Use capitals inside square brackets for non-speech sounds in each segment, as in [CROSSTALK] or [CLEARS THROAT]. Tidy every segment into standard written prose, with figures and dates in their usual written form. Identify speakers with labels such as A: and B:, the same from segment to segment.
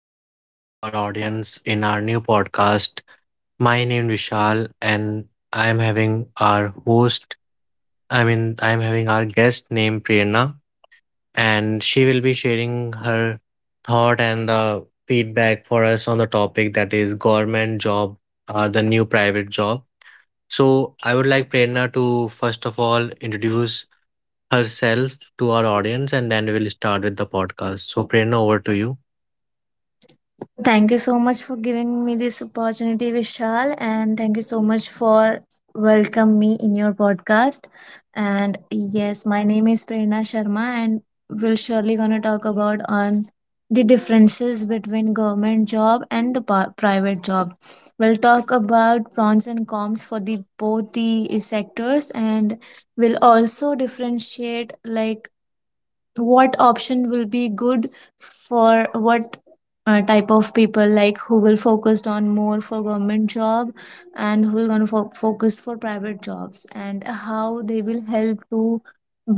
A: a warm welcome to our audience in our new podcast. My name is Vishal and I am having our host, I mean, I am having our guest named Prerna and she will be sharing her thought and the feedback for us on the topic that is government job or the new private job. So I would like Prerna to first of all introduce herself to our audience and then we will start with the podcast. So Prerna, over to you.
B: Thank you so much for giving me this opportunity, Vishal, and thank you so much for welcome me in your podcast. And yes, my name is Prerna Sharma, and we'll surely gonna talk about on the differences between government job and the private job. We'll talk about pros and cons for the both the sectors, and we'll also differentiate like what option will be good for what type of people, like who will focused on more for government job and who will going to focus for private jobs, and how they will help to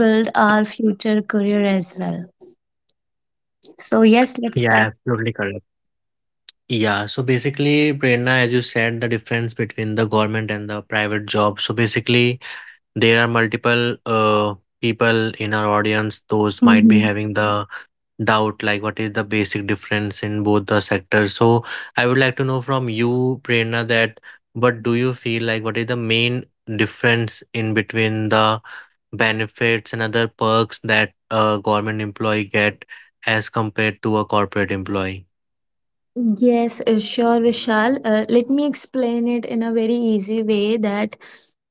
B: build our future career as well. So yes,
A: Yeah,
B: let's start.
A: absolutely correct. Yeah, so basically, Prerna, as you said, the difference between the government and the private job. So basically, there are multiple people in our audience, those might be having the doubt like, what is the basic difference in both the sectors? So I would like to know from you, Prerna, that what do you feel like, what is the main difference in between the benefits and other perks that a government employee get as compared to a corporate employee?
B: Yes, sure, Vishal. Let me explain it in a very easy way that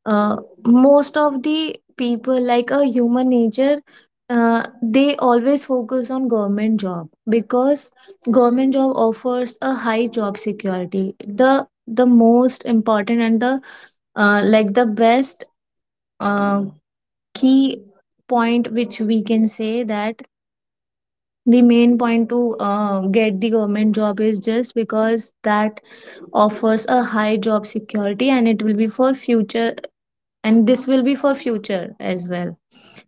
B: uh, most of the people, like a human nature, they always focus on government job because government job offers a high job security. The most important and the like the best uh, key point which we can say that the main point to get the government job is just because that offers a high job security, and it will be for future, and this will be for future as well.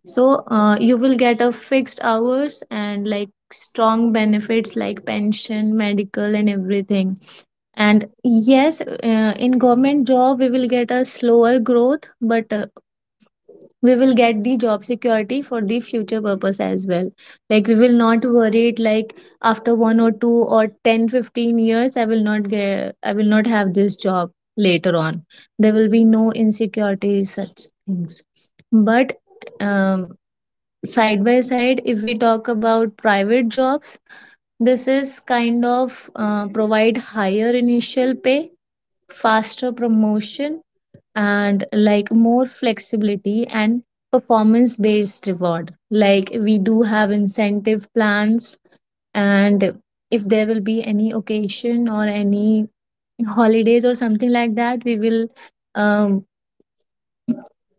B: So you will get a fixed hours and like strong benefits like pension, medical and everything. And yes, in government job we will get a slower growth, but we will get the job security for the future purpose as well. Like we will not worry it, like after 1 or 2 or 10, 15 years, I will not have this job later on. There will be no insecurities such things. But um, side by side, if we talk about private jobs, this is kind of provide higher initial pay, faster promotion, and like more flexibility and performance based reward, like we do have incentive plans. And if there will be any occasion or any holidays or something like that, we will um,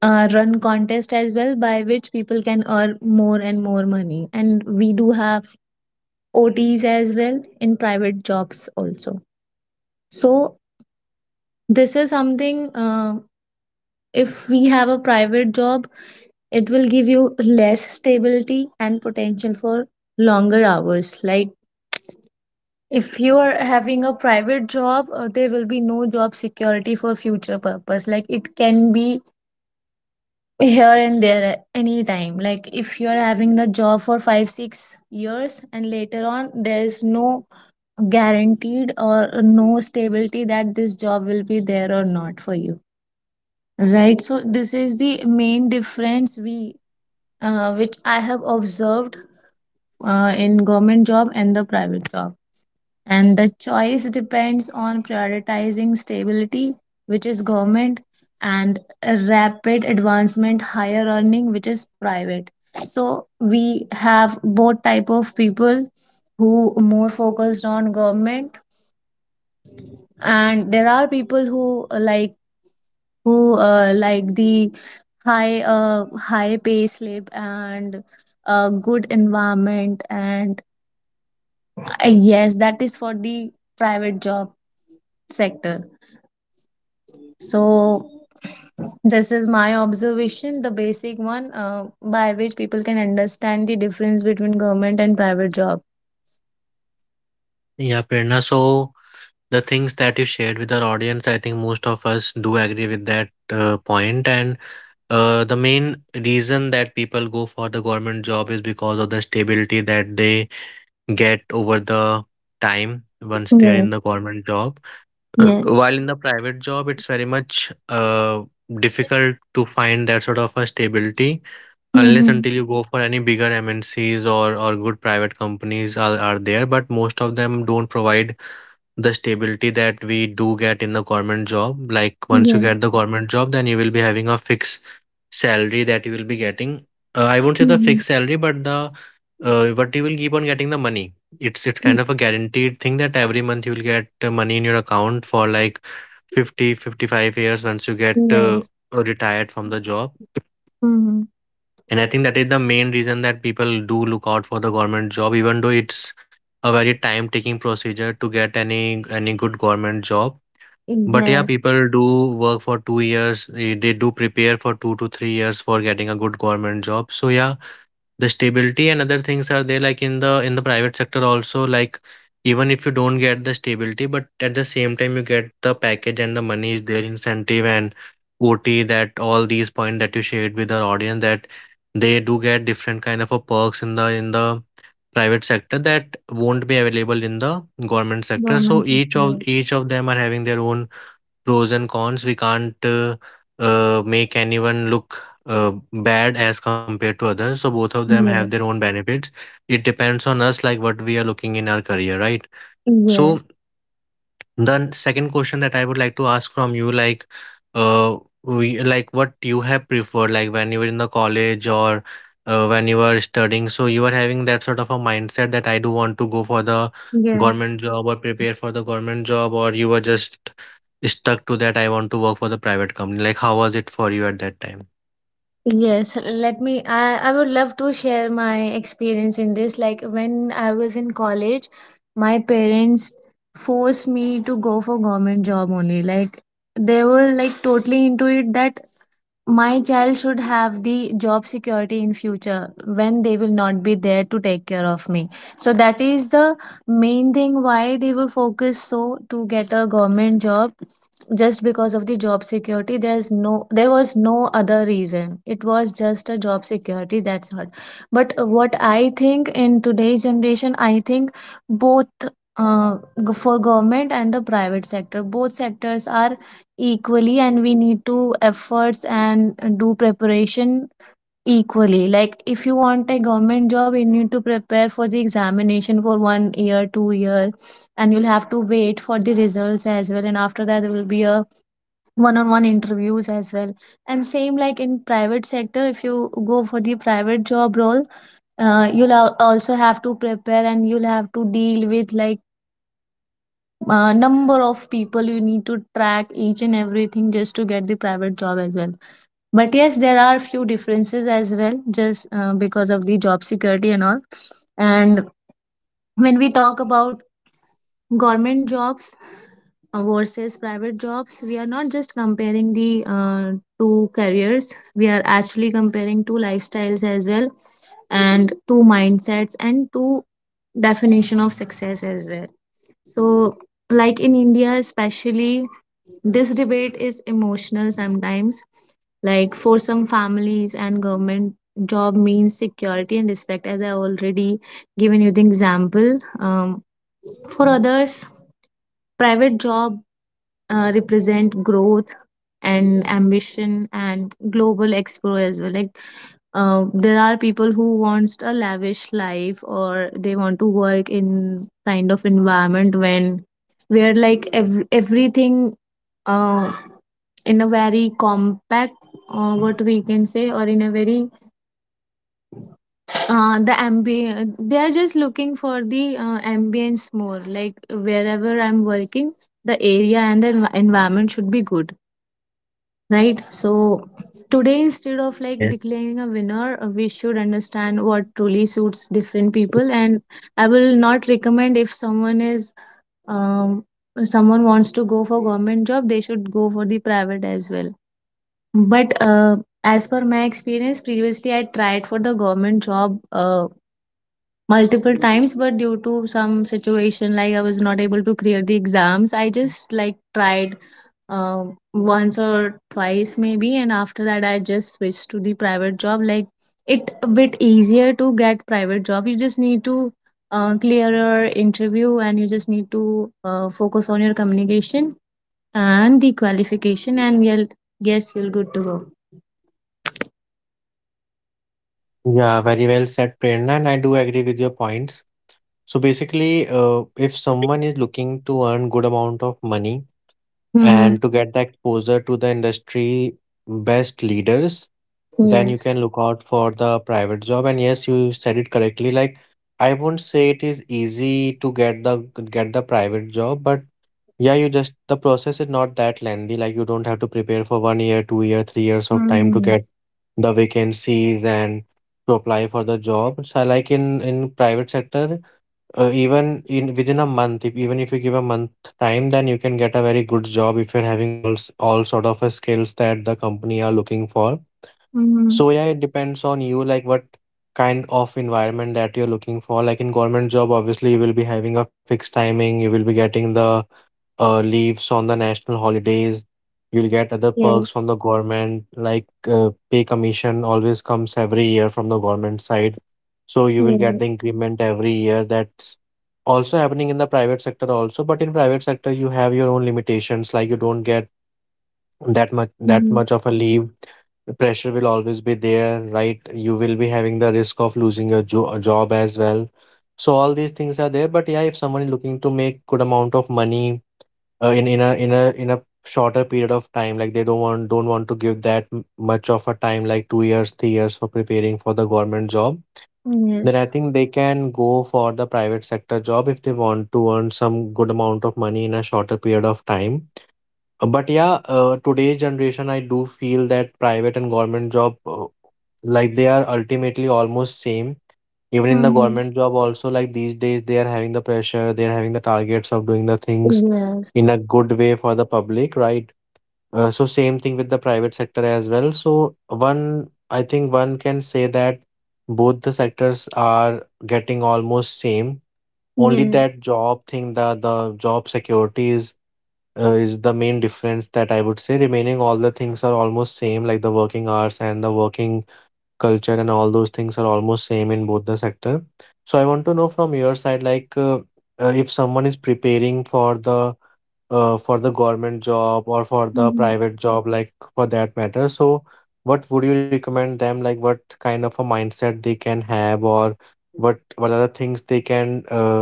B: run contest as well, by which people can earn more and more money, and we do have OTs as well in private jobs also. So this is something, if we have a private job, it will give you less stability and potential for longer hours. Like if you are having a private job, there will be no job security for future purpose. Like it can be here and there at any time. Like if you are having the job for 5, 6 years, and later on there is no guaranteed or no stability that this job will be there or not for you. Right. So this is the main difference we, which I have observed in government job and the private job, and the choice depends on prioritizing stability, which is government, and a rapid advancement higher earning, which is private. So we have both type of people who more focused on government, and there are people who like, who like the high high pay slip and a good environment. And uh, yes, that is for the private job sector. So this is my observation, the basic one, by which people can understand the difference between government and private job.
A: Yeah, Prerna, so the things that you shared with our audience, I think most of us do agree with that point. And the main reason that people go for the government job is because of the stability that they get over the time once they are
B: Yes.
A: in the government job. [CLEARS THROAT]
B: Yes.
A: While in the private job, it's very much difficult to find that sort of a stability unless
B: Mm-hmm.
A: until you go for any bigger MNCs or good private companies are there, but most of them don't provide the stability that we do get in the government job. Like once you
B: Yes.
A: get the government job, then you will be having a fixed salary that you will be getting. I won't say the
B: Mm-hmm.
A: fixed salary, but the but you will keep on getting the money. It's kind of a guaranteed thing that every month you will get money in your account for like 50-55 years once you get
B: Yes.
A: retired from the job.
B: Mm-hmm.
A: And I think that is the main reason that people do look out for the government job, even though it's a very time taking procedure to get any good government job. But yeah,
B: Yes.
A: people do work for 2 years. They do prepare for 2 to 3 years for getting a good government job. So yeah, the stability and other things are there. Like in the private sector also, like even if you don't get the stability, but at the same time you get the package and the money is there, incentive and OT. That all these points that you shared with our audience that they do get different kind of a perks in the private sector that won't be available in the government sector. So
B: Government.
A: each of
B: Yes.
A: each of them are having their own pros and cons. We can't make anyone look bad as compared to others. So both of them have their
B: Yes.
A: own benefits. It depends on us, like what we are looking in our career, right? So
B: Yes.
A: the second question that I would like to ask from you, like, uh, we, like what you have preferred, like when you were in the college or when you were studying. So you were having that sort of a mindset that I do want to go for the
B: Yes.
A: government job or prepare for the government job, or you were just stuck to that I want to work for the private company. Like how was it for you at that time?
B: Yes, let me. I would love to share my experience in this. Like when I was in college, my parents forced me to go for government job only. Like they were like totally into it that my child should have the job security in future when they will not be there to take care of me. So that is the main thing why they will focus so to get a government job, just because of the job security. There was no other reason, it was just a job security, that's all. But what I think in today's generation, I think both, uh, for government and the private sector, both sectors are equally, and we need to efforts and do preparation equally. Like if you want a government job, you need to prepare for the examination for 1 year, 2 year, and you'll have to wait for the results as well, and after that there will be a one on one interviews as well. And same like in private sector, if you go for the private job role, you'll also have to prepare, and you'll have to deal with like number of people, you need to track each and everything just to get the private job as well. But yes, there are few differences as well, just because of the job security and all. And when we talk about government jobs versus private jobs, we are not just comparing the two careers, we are actually comparing two lifestyles as well, and two mindsets and two definition of success as well. So like in India especially, this debate is emotional sometimes. Like for some families and government job means security and respect, as I already given you the example. For others, private job represent growth and ambition and global expo as well. Like there are people who wants a lavish life, or they want to work in kind of environment when where like everything uh, in a very compact, what we can say, or in a very they are just looking for the ambience more. Like wherever I'm working, the area and the environment should be good, right? So today, instead of like
A: Yes.
B: declaring a winner, we should understand what truly suits different people. And I will not recommend, if someone is um, someone wants to go for government job, they should go for the private as well. But as per my experience, previously I tried for the government job multiple times, but due to some situation, like I was not able to clear the exams, I just like tried uh, once or twice maybe, and after that I just switched to the private job. Like it a bit easier to get private job. You just need to clear your interview, and you just need to focus on your communication and the qualification, and you'll, yes, you're good to go.
A: Yeah, very well said, Prerna, and I do agree with your points. So basically, if someone is looking to earn good amount of money
B: Mm-hmm.
A: and to get the exposure to the industry best leaders, then you
B: Yes.
A: can look out for the private job. And yes, you said it correctly, like I won't say it is easy to get the private job, but yeah, you just the process is not that lengthy, like you don't have to prepare for 1 year, 2 year, 3 years of time to
B: Mhm.
A: get the vacancies and to apply for the job. So like in private sector, even in within a month, if even if you give a month time, then you can get a very good job if you're having all sort of skills that the company are looking for.
B: Mhm.
A: So yeah, it depends on you, like what kind of environment that you're looking for. Like in government job, obviously you will be having a fixed timing, you will be getting the leaves on the national holidays. You'll get other perks from
B: Yes.
A: the government, like pay commission always comes every year from the government side. So you will get
B: Yes.
A: the increment every year. That's also happening in the private sector also, but in private sector you have your own limitations, like you don't get that much that
B: Mhm.
A: much of a leave. The pressure will always be there, right? You will be having the risk of losing a job as well. So all these things are there, but yeah, if someone is looking to make good amount of money in in a shorter period of time, like they don't want to give that much of a time, like 2 years, 3 years for preparing for the government job, then I
B: Yes.
A: think they can go for the private sector job if they want to earn some good amount of money in a shorter period of time. But yeah, today's generation, I do feel that private and government job, like they are ultimately almost same. Even in the
B: Mhm.
A: government job also, like these days, they are having the pressure, they are having the targets of doing the things
B: Yes.
A: in a good way for the public, right? So same thing with the private sector as well. So one, I think one can say that both the sectors are getting almost same. Only
B: Yes.
A: that job thing, the job security is the main difference that I would say. Remaining all the things are almost same, like the working hours and the working culture and all those things are almost same in both the sector. So I want to know from your side, like if someone is preparing for the government job or for the
B: Mhm.
A: private job, like for that matter. So what would you recommend them? Like what kind of a mindset they can have, or what are the things they can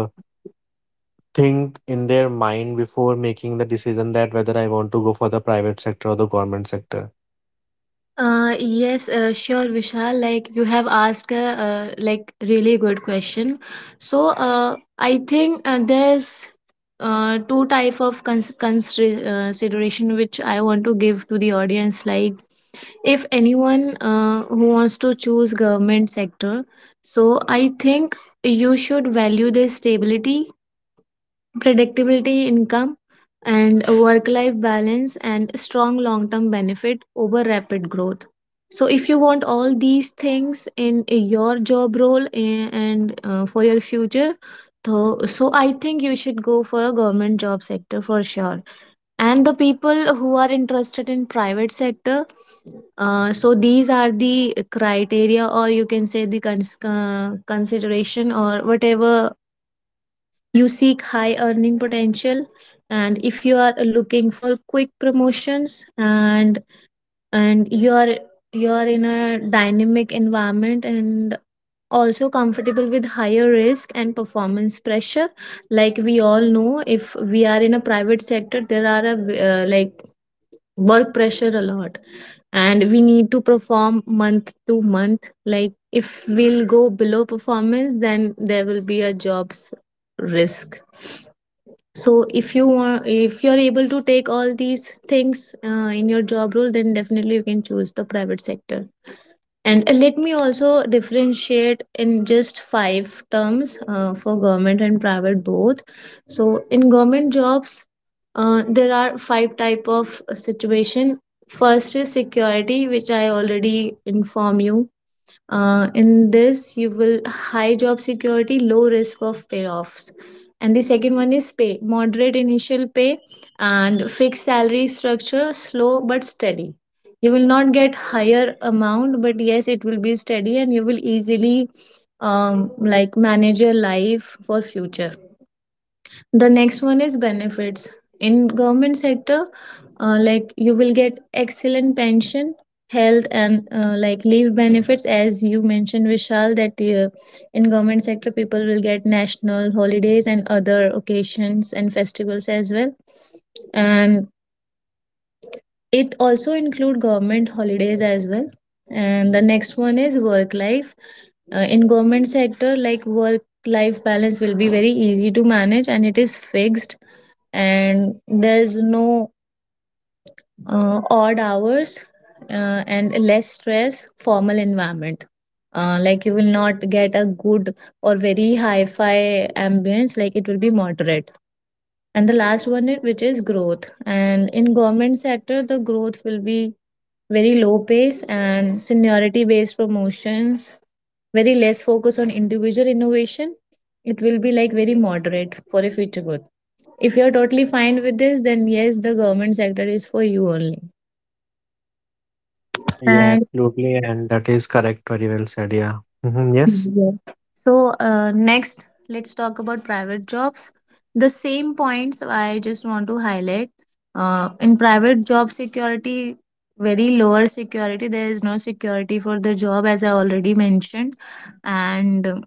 A: think in their mind before making the decision that whether I want to go for the private sector or the government sector?
B: Yes, sure, Vishal. Like you have asked a like really good question. So I think there's two type of consideration which I want to give to the audience. Like if anyone who wants to choose government sector, so I think you should value the stability, predictability income, and work life balance, and strong long term benefit over rapid growth. So if you want all these things in your job role, and for your future, so I think you should go for a government job sector for sure. And the people who are interested in private sector, so these are the criteria, or you can say the consideration or whatever. You seek high earning potential, and if you are looking for quick promotions, and you are in a dynamic environment, and also comfortable with higher risk and performance pressure. Like we all know, if we are in a private sector, there are like work pressure a lot, and we need to perform month to month. Like if we'll go below performance, then there will be a jobs risk. So if you want, if you're able to take all these things in your job role, then definitely you can choose the private sector. And let me also differentiate in just five terms for government and private both. So in government jobs, there are five type of situation. First is security, which I already inform you in this, you will high job security, low risk of payoffs. And the second one is pay, moderate initial pay and fixed salary structure, slow but steady. You will not get higher amount, but yes, it will be steady and you will easily like manage your life for future. The next one is benefits. In government sector, like you will get excellent pension, health, and like leave benefits, as you mentioned, Vishal, that in government sector people will get national holidays and other occasions and festivals as well, and it also include government holidays as well. And the next one is work life. In government sector, like work life balance will be very easy to manage and it is fixed and there's no odd hours uh, and less stress formal environment, like you will not get a good or very hi-fi ambience, like it will be moderate. And the last one is, which is growth, and in government sector the growth will be very low pace and seniority based promotions, very less focus on individual innovation. It will be like very moderate for a future growth. If you're totally fine with this, then yes, the government sector is for you only.
A: Yeah,
B: And
A: absolutely, and that is correct. Very well said. Yeah. Hmm. Yes.
B: yeah. So next, let's talk about private jobs. The same points I just want to highlight. In private job security, very lower security, there is no security for the job, as I already mentioned, and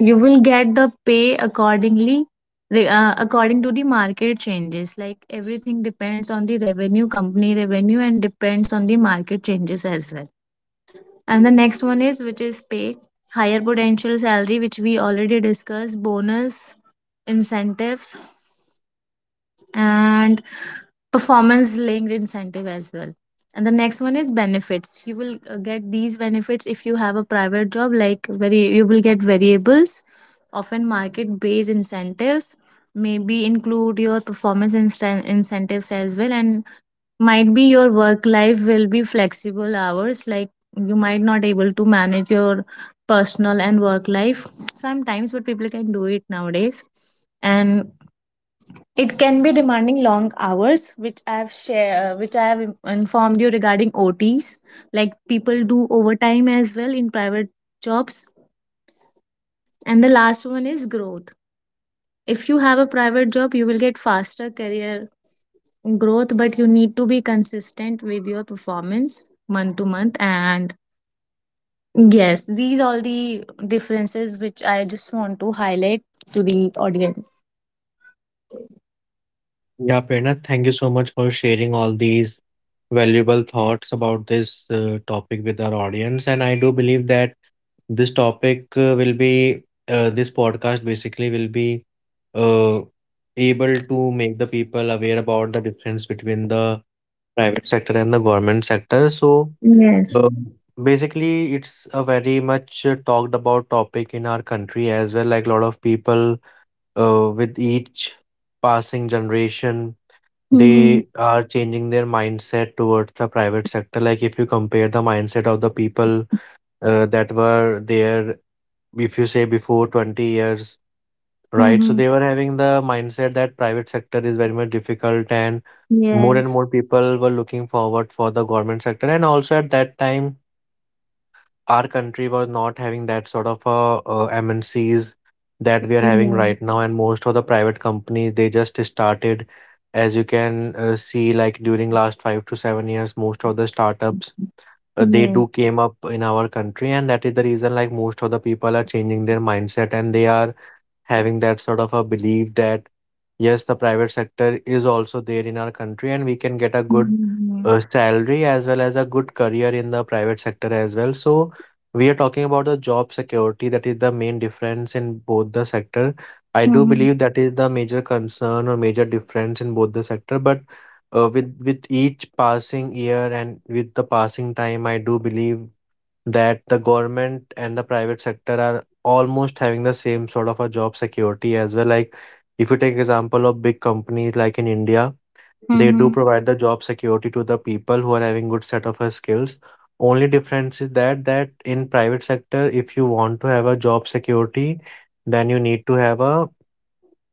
B: you will get the pay accordingly according to the market changes, like everything depends on the revenue, company revenue, and depends on the market changes as well. And the next one is, which is pay, higher potential salary which we already discussed, bonus, incentives, and performance linked incentive as well. And the next one is benefits. You will get these benefits if you have a private job, like very you will get variables, often market based incentives, maybe include your incentives as well. And might be your work life will be flexible hours, like you might not able to manage your personal and work life sometimes, but people can do it nowadays. And it can be demanding long hours, which I have share, which I have informed you regarding OTs. Like people do overtime as well in private jobs. And the last one is growth. If you have a private job, you will get faster career growth, but you need to be consistent with your performance month to month. And yes, these all the differences which I just want to highlight to the audience.
A: Yeah, Prerna, thank you so much for sharing all these valuable thoughts about this topic with our audience. And I do believe that this topic will be, this podcast basically will be uh, able to make the people aware about the difference between the private sector and the government sector. So
B: Yes.
A: uh, basically, it's a very much talked about topic in our country as well. Like a lot of people with each passing generation
B: Mm-hmm.
A: they are changing their mindset towards the private sector. Like if you compare the mindset of the people that were there, if you say before 20 years, right? So
B: Mm-hmm.
A: they were having the mindset that private sector is very much difficult and
B: Yes.
A: more people were looking forward for the government sector. And also at that time, our country was not having that sort of MNCs that we are having
B: Yeah.
A: right now, and most of the private companies they just started, as you can see, like during last 5 to 7 years, most of the startups they
B: Yes.
A: do came up in our country, and that is the reason like most of the people are changing their mindset and they are having that sort of a belief that yes, the private sector is also there in our country and we can get a good
B: Mm-hmm.
A: salary as well as a good career in the private sector as well. So we are talking about the job security that is the main difference in both the sector. I do
B: Mm-hmm.
A: believe that is the major concern or major difference in both the sector, but with each passing year and with the passing time, I do believe that the government and the private sector are almost having the same sort of a job security as well. Like if you take example of big companies like in India, they do
B: Mm-hmm.
A: provide the job security to the people who are having good set of skills. Only difference is that in private sector, if you want to have a job security, then you need to have a,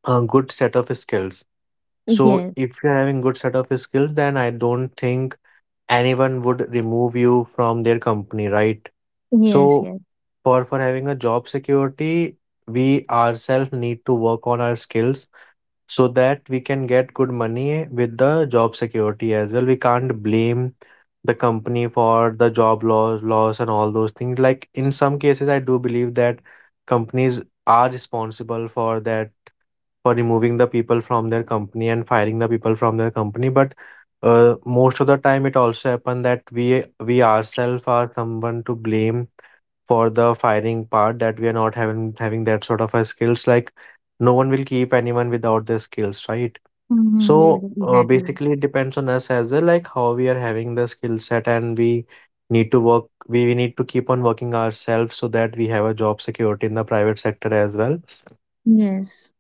A: a good set of skills. So
B: Yes.
A: if you're having good set of skills, then I don't think anyone would remove you from their company, right?
B: Yes.
A: So
B: Yes.
A: for having a job security we ourselves need to work on our skills so that we can get good money with the job security as well. We can't blame the company for the job loss and all those things. Like in some cases I do believe that companies are responsible for that, for removing the people from their company and firing the people from their company, but most of the time it also happen that we ourselves are someone to blame for the firing part, that we are not having that sort of a skills. Like no one will keep anyone without the skills, right?
B: Mm-hmm. Yes.
A: So
B: Exactly.
A: basically it depends on us as well, like how we are having the skill set and we need to work. We need to keep on working ourselves so that we have a job security in the private sector as well.
B: Yes.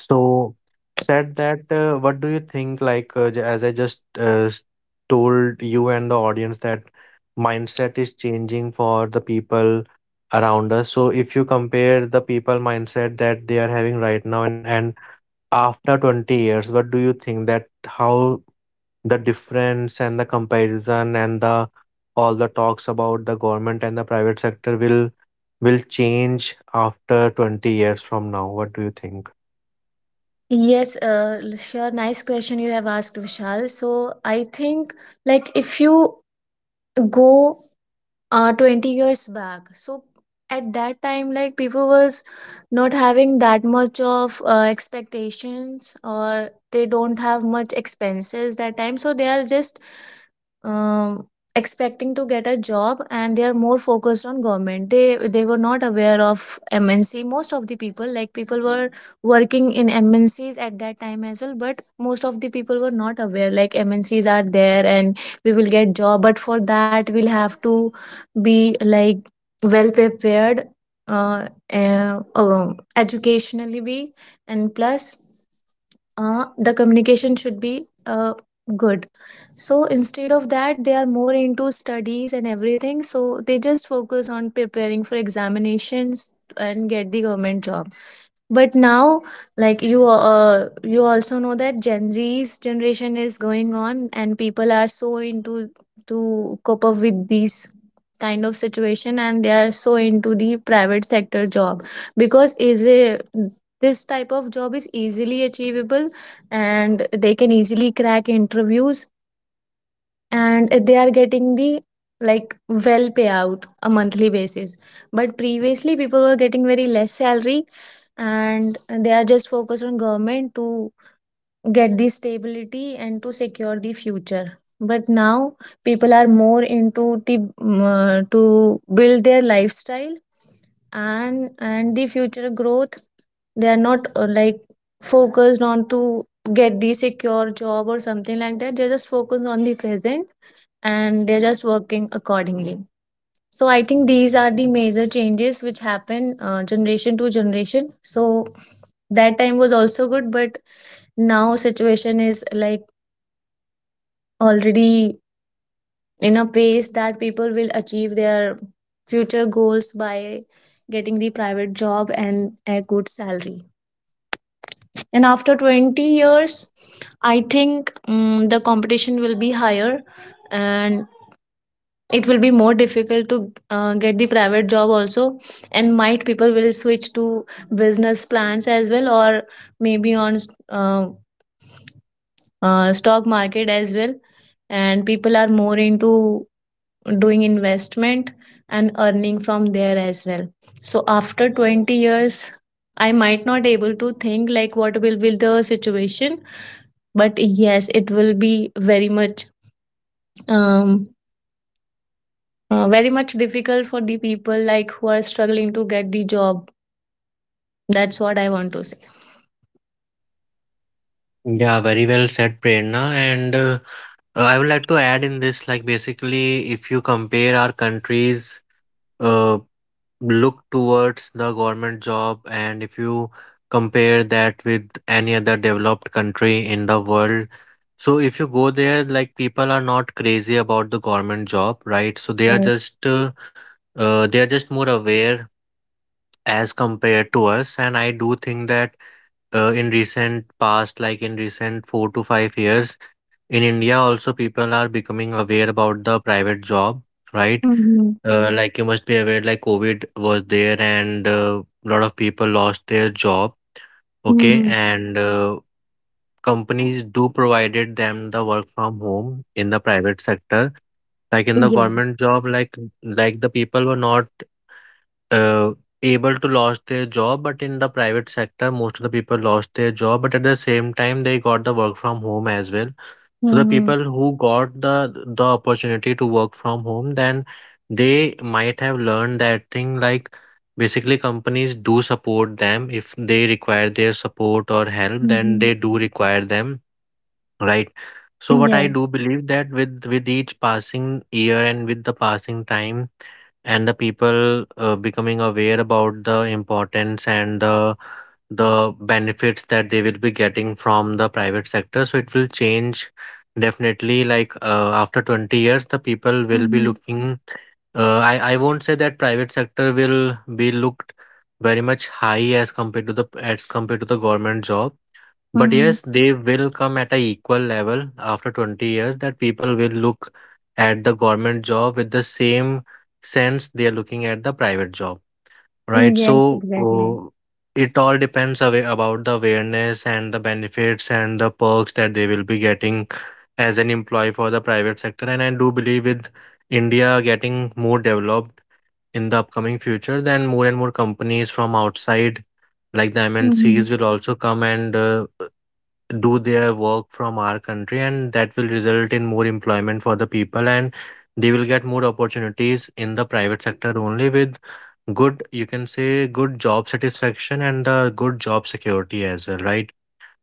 A: So said that, what do you think? Like, as I just told you and the audience, that mindset is changing for the people around us. So, if you compare the people mindset that they are having right now and after 20 years, what do you think, that how the difference and the comparison and the all the talks about the government and the private sector will change after 20 years from now? What do you think?
B: Yes, sure. Nice question you have asked, Vishal. So I think like if you go 20 years back. So at that time, like people was not having that much of expectations, or they don't have much expenses that time, so they are just um, expecting to get a job, and they are more focused on government. They were not aware of MNC. Most of the people, like people were working in MNCs at that time as well, but most of the people were not aware like MNCs are there and we will get job, but for that we'll have to be like well prepared, uh, educationally be, and plus the communication should be good. So instead of that, they are more into studies and everything, so they just focus on preparing for examinations and get the government job. But now, like you you also know that gen Z's generation is going on, and people are so into to cope up with these kind of situation, and they are so into the private sector job because is a this type of job is easily achievable, and they can easily crack interviews, and they are getting the like well payout a monthly basis. But previously people were getting very less salary and they are just focused on government to get the stability and to secure the future. But now people are more into the to build their lifestyle and the future growth. They are not like focused on to get the secure job or something like that. They're just focused on the present and they're just working accordingly. So I think these are the major changes which happen generation to generation. So that time was also good, but now situation is like already in a pace that people will achieve their future goals by getting the private job and a good salary. And after 20 years, I think the competition will be higher, and it will be more difficult to get the private job also, and might people will switch to business plans as well, or maybe on stock market as well, and people are more into doing investment and earning from there as well. So after 20 years, I might not able to think like what will be the situation, but yes, it will be very much um very much difficult for the people like who are struggling to get the job. That's what I want to say.
A: Yeah, very well said, Prerna. And I would like to add in this, like basically, if you compare our countries, uh, look towards the government job, and if you compare that with any other developed country in the world, so if you go there, like people are not crazy about the government job, right? So
B: Right.
A: they are just more aware as compared to us, and I do think that in recent past, like in recent 4 to 5 years in india also people are becoming aware about the private job, right?
B: Mm-hmm.
A: Like you must be aware, like covid was there and a lot of people lost their job, okay?
B: Mm-hmm.
A: and Companies do provided them the work from home in the private sector, like in the
B: Yeah.
A: government job, like the people were not, uh, able to lost their job, but in the private sector most of the people lost their job, but at the same time they got the work from home as well. So the
B: Mm-hmm.
A: people who got the opportunity to work from home, then they might have learned that thing, like basically companies do support them. If they require their support or help, then
B: Mm-hmm.
A: they do require them, right? So what I
B: Yes.
A: do believe, that with each passing year and with the passing time, and the people becoming aware about the importance and the benefits that they will be getting from the private sector, so it will change definitely, like after 20 years the people will be
B: Mm-hmm.
A: looking, I won't say that private sector will be looked very much high as compared to the, as compared to the government job, but
B: Mm-hmm.
A: yes, they will come at a equal level after 20 years, that people will look at the government job with the same sense they are looking at the private job, right?
B: Yes,
A: So
B: exactly.
A: it all depends away about the awareness and the benefits and the perks that they will be getting as an employee for the private sector. And I do believe, with India getting more developed in the upcoming future, then more and more companies from outside like the
B: Mm-hmm.
A: MNCs will also come and do their work from our country, and that will result in more employment for the people, and they will get more opportunities in the private sector only with good, you can say good job satisfaction and the good job security as well, right?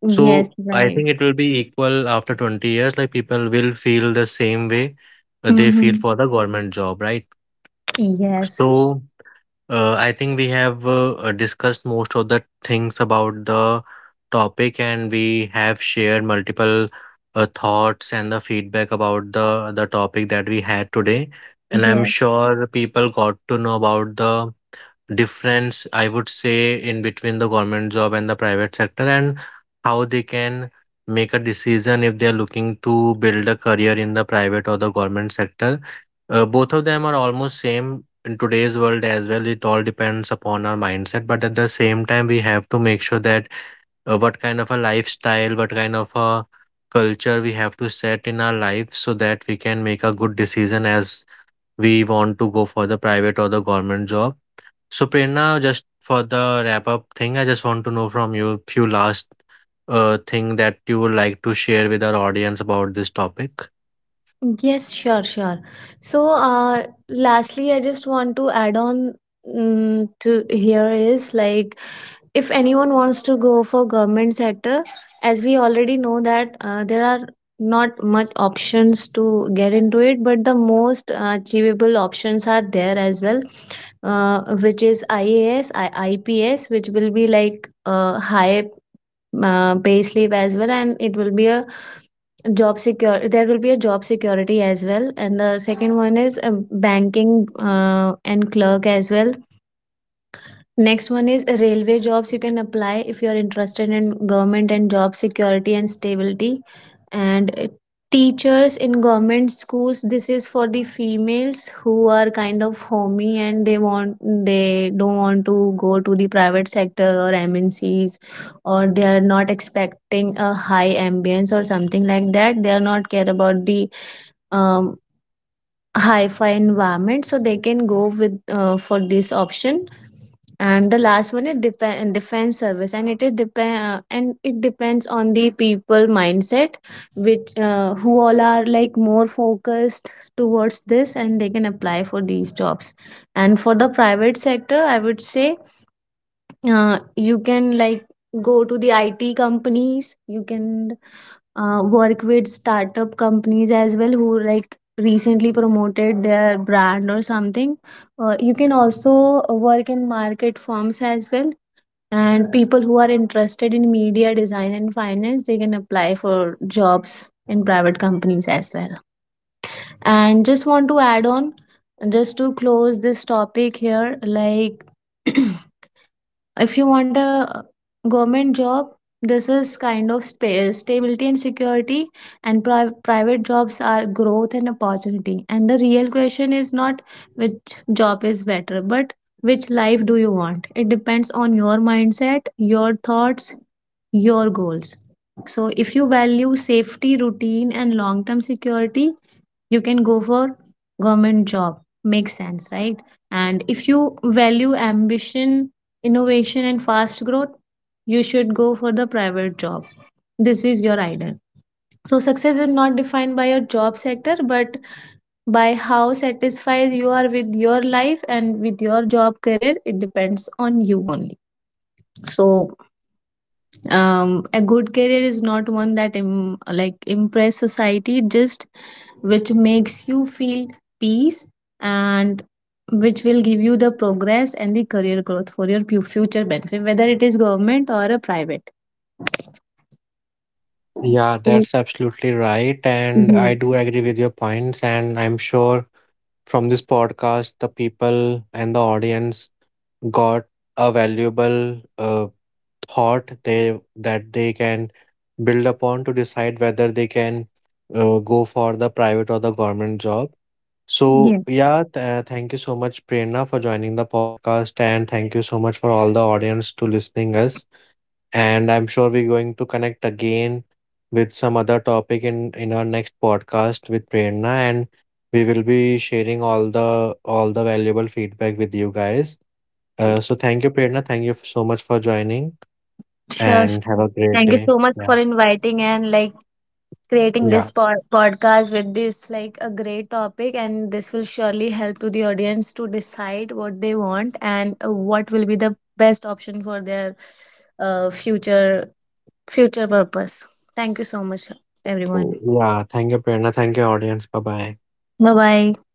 B: Yes,
A: So I
B: right.
A: think it will be equal after 20 years, like people will feel the same way they feel
B: Mm-hmm.
A: for the government job, right?
B: Yes.
A: So I think we have discussed most of the things about the topic, and we have shared multiple thoughts and the feedback about the topic that we had today. And I'm
B: Yes.
A: sure people got to know about the difference, I would say, in between the government job and the private sector, and how they can make a decision if they are looking to build a career in the private or the government sector. Both of them are almost same in today's world as well. It all depends upon our mindset, but at the same time we have to make sure that, what kind of a lifestyle, what kind of a culture we have to set in our life, so that we can make a good decision as we want to go for the private or the government job. So, Prerna, just for the wrap up thing, I just want to know from you few last thing that you would like to share with our audience about this topic.
B: Yes, sure. So lastly, I just want to add on to here is like, if anyone wants to go for government sector, as we already know that there are not much options to get into it, but the most achievable options are there as well, which is IAS, IPS, which will be like high pay slip as well, and it will be a job secure, there will be a job security as well. And the second one is banking and clerk as well. Next one is railway jobs. You can apply if you are interested in government and job security and stability. And teachers in government schools, this is for the females who are kind of homey, and they want they don't want to go to the private sector or MNCs, or they are not expecting a high ambience or something like that. They are not care about the um, hi-fi environment, so they can go with for this option. And the last one is depend defense service, and it depends on the people mindset, which who all are like more focused towards this, and they can apply for these jobs. And for the private sector, I would say, you can like go to the IT companies. You can work with startup companies as well who like recently promoted their brand or something. You can also work in market firms as well. And people who are interested in media design and finance, they can apply for jobs in private companies as well. And just want to add on, just to close this topic here, like [CLEARS THROAT] if you want a government job, this is kind of stability and security, and private jobs are growth and opportunity. And the real question is not which job is better, but which life do you want. It depends on your mindset, your thoughts, your goals. So if you value safety, routine and long term security, you can go for government job. Makes sense, right? And if you value ambition, innovation and fast growth, you should go for the private job. This is your idol. So success is not defined by your job sector, but by how satisfied you are with your life and with your job career. It depends on you only. So a good career is not one that like impress society, just which makes you feel peace, and which will give you the progress and the career growth for your future benefit, whether it is government or a private.
A: Yeah,
B: Mm,
A: that's absolutely right. And
B: yeah,
A: I do agree with your points. And I'm sure from this podcast, the people and the audience got a valuable thought, they that they can build upon to decide whether they can go for the private or the government job. So,
B: yeah.
A: yeah, thank you so much, Prerna, for joining the podcast, and thank you so much for all the audience to listening us. And I'm sure we're going to connect again with some other topic in our next podcast with Prerna, and we will be sharing all the valuable feedback with you guys. So thank you, Prerna. Thank you so much for joining,
B: Sure,
A: and have
B: sure.
A: a great
B: Thank you
A: day.
B: so much
A: Yeah,
B: for inviting, and like creating
A: yeah,
B: this podcast with this like a great topic, and this will surely help to the audience to decide what they want and what will be the best option for their future purpose. Thank you so much, everyone.
A: yeah. Thank you, Prerna. Thank you, audience. Bye bye.
B: Bye bye.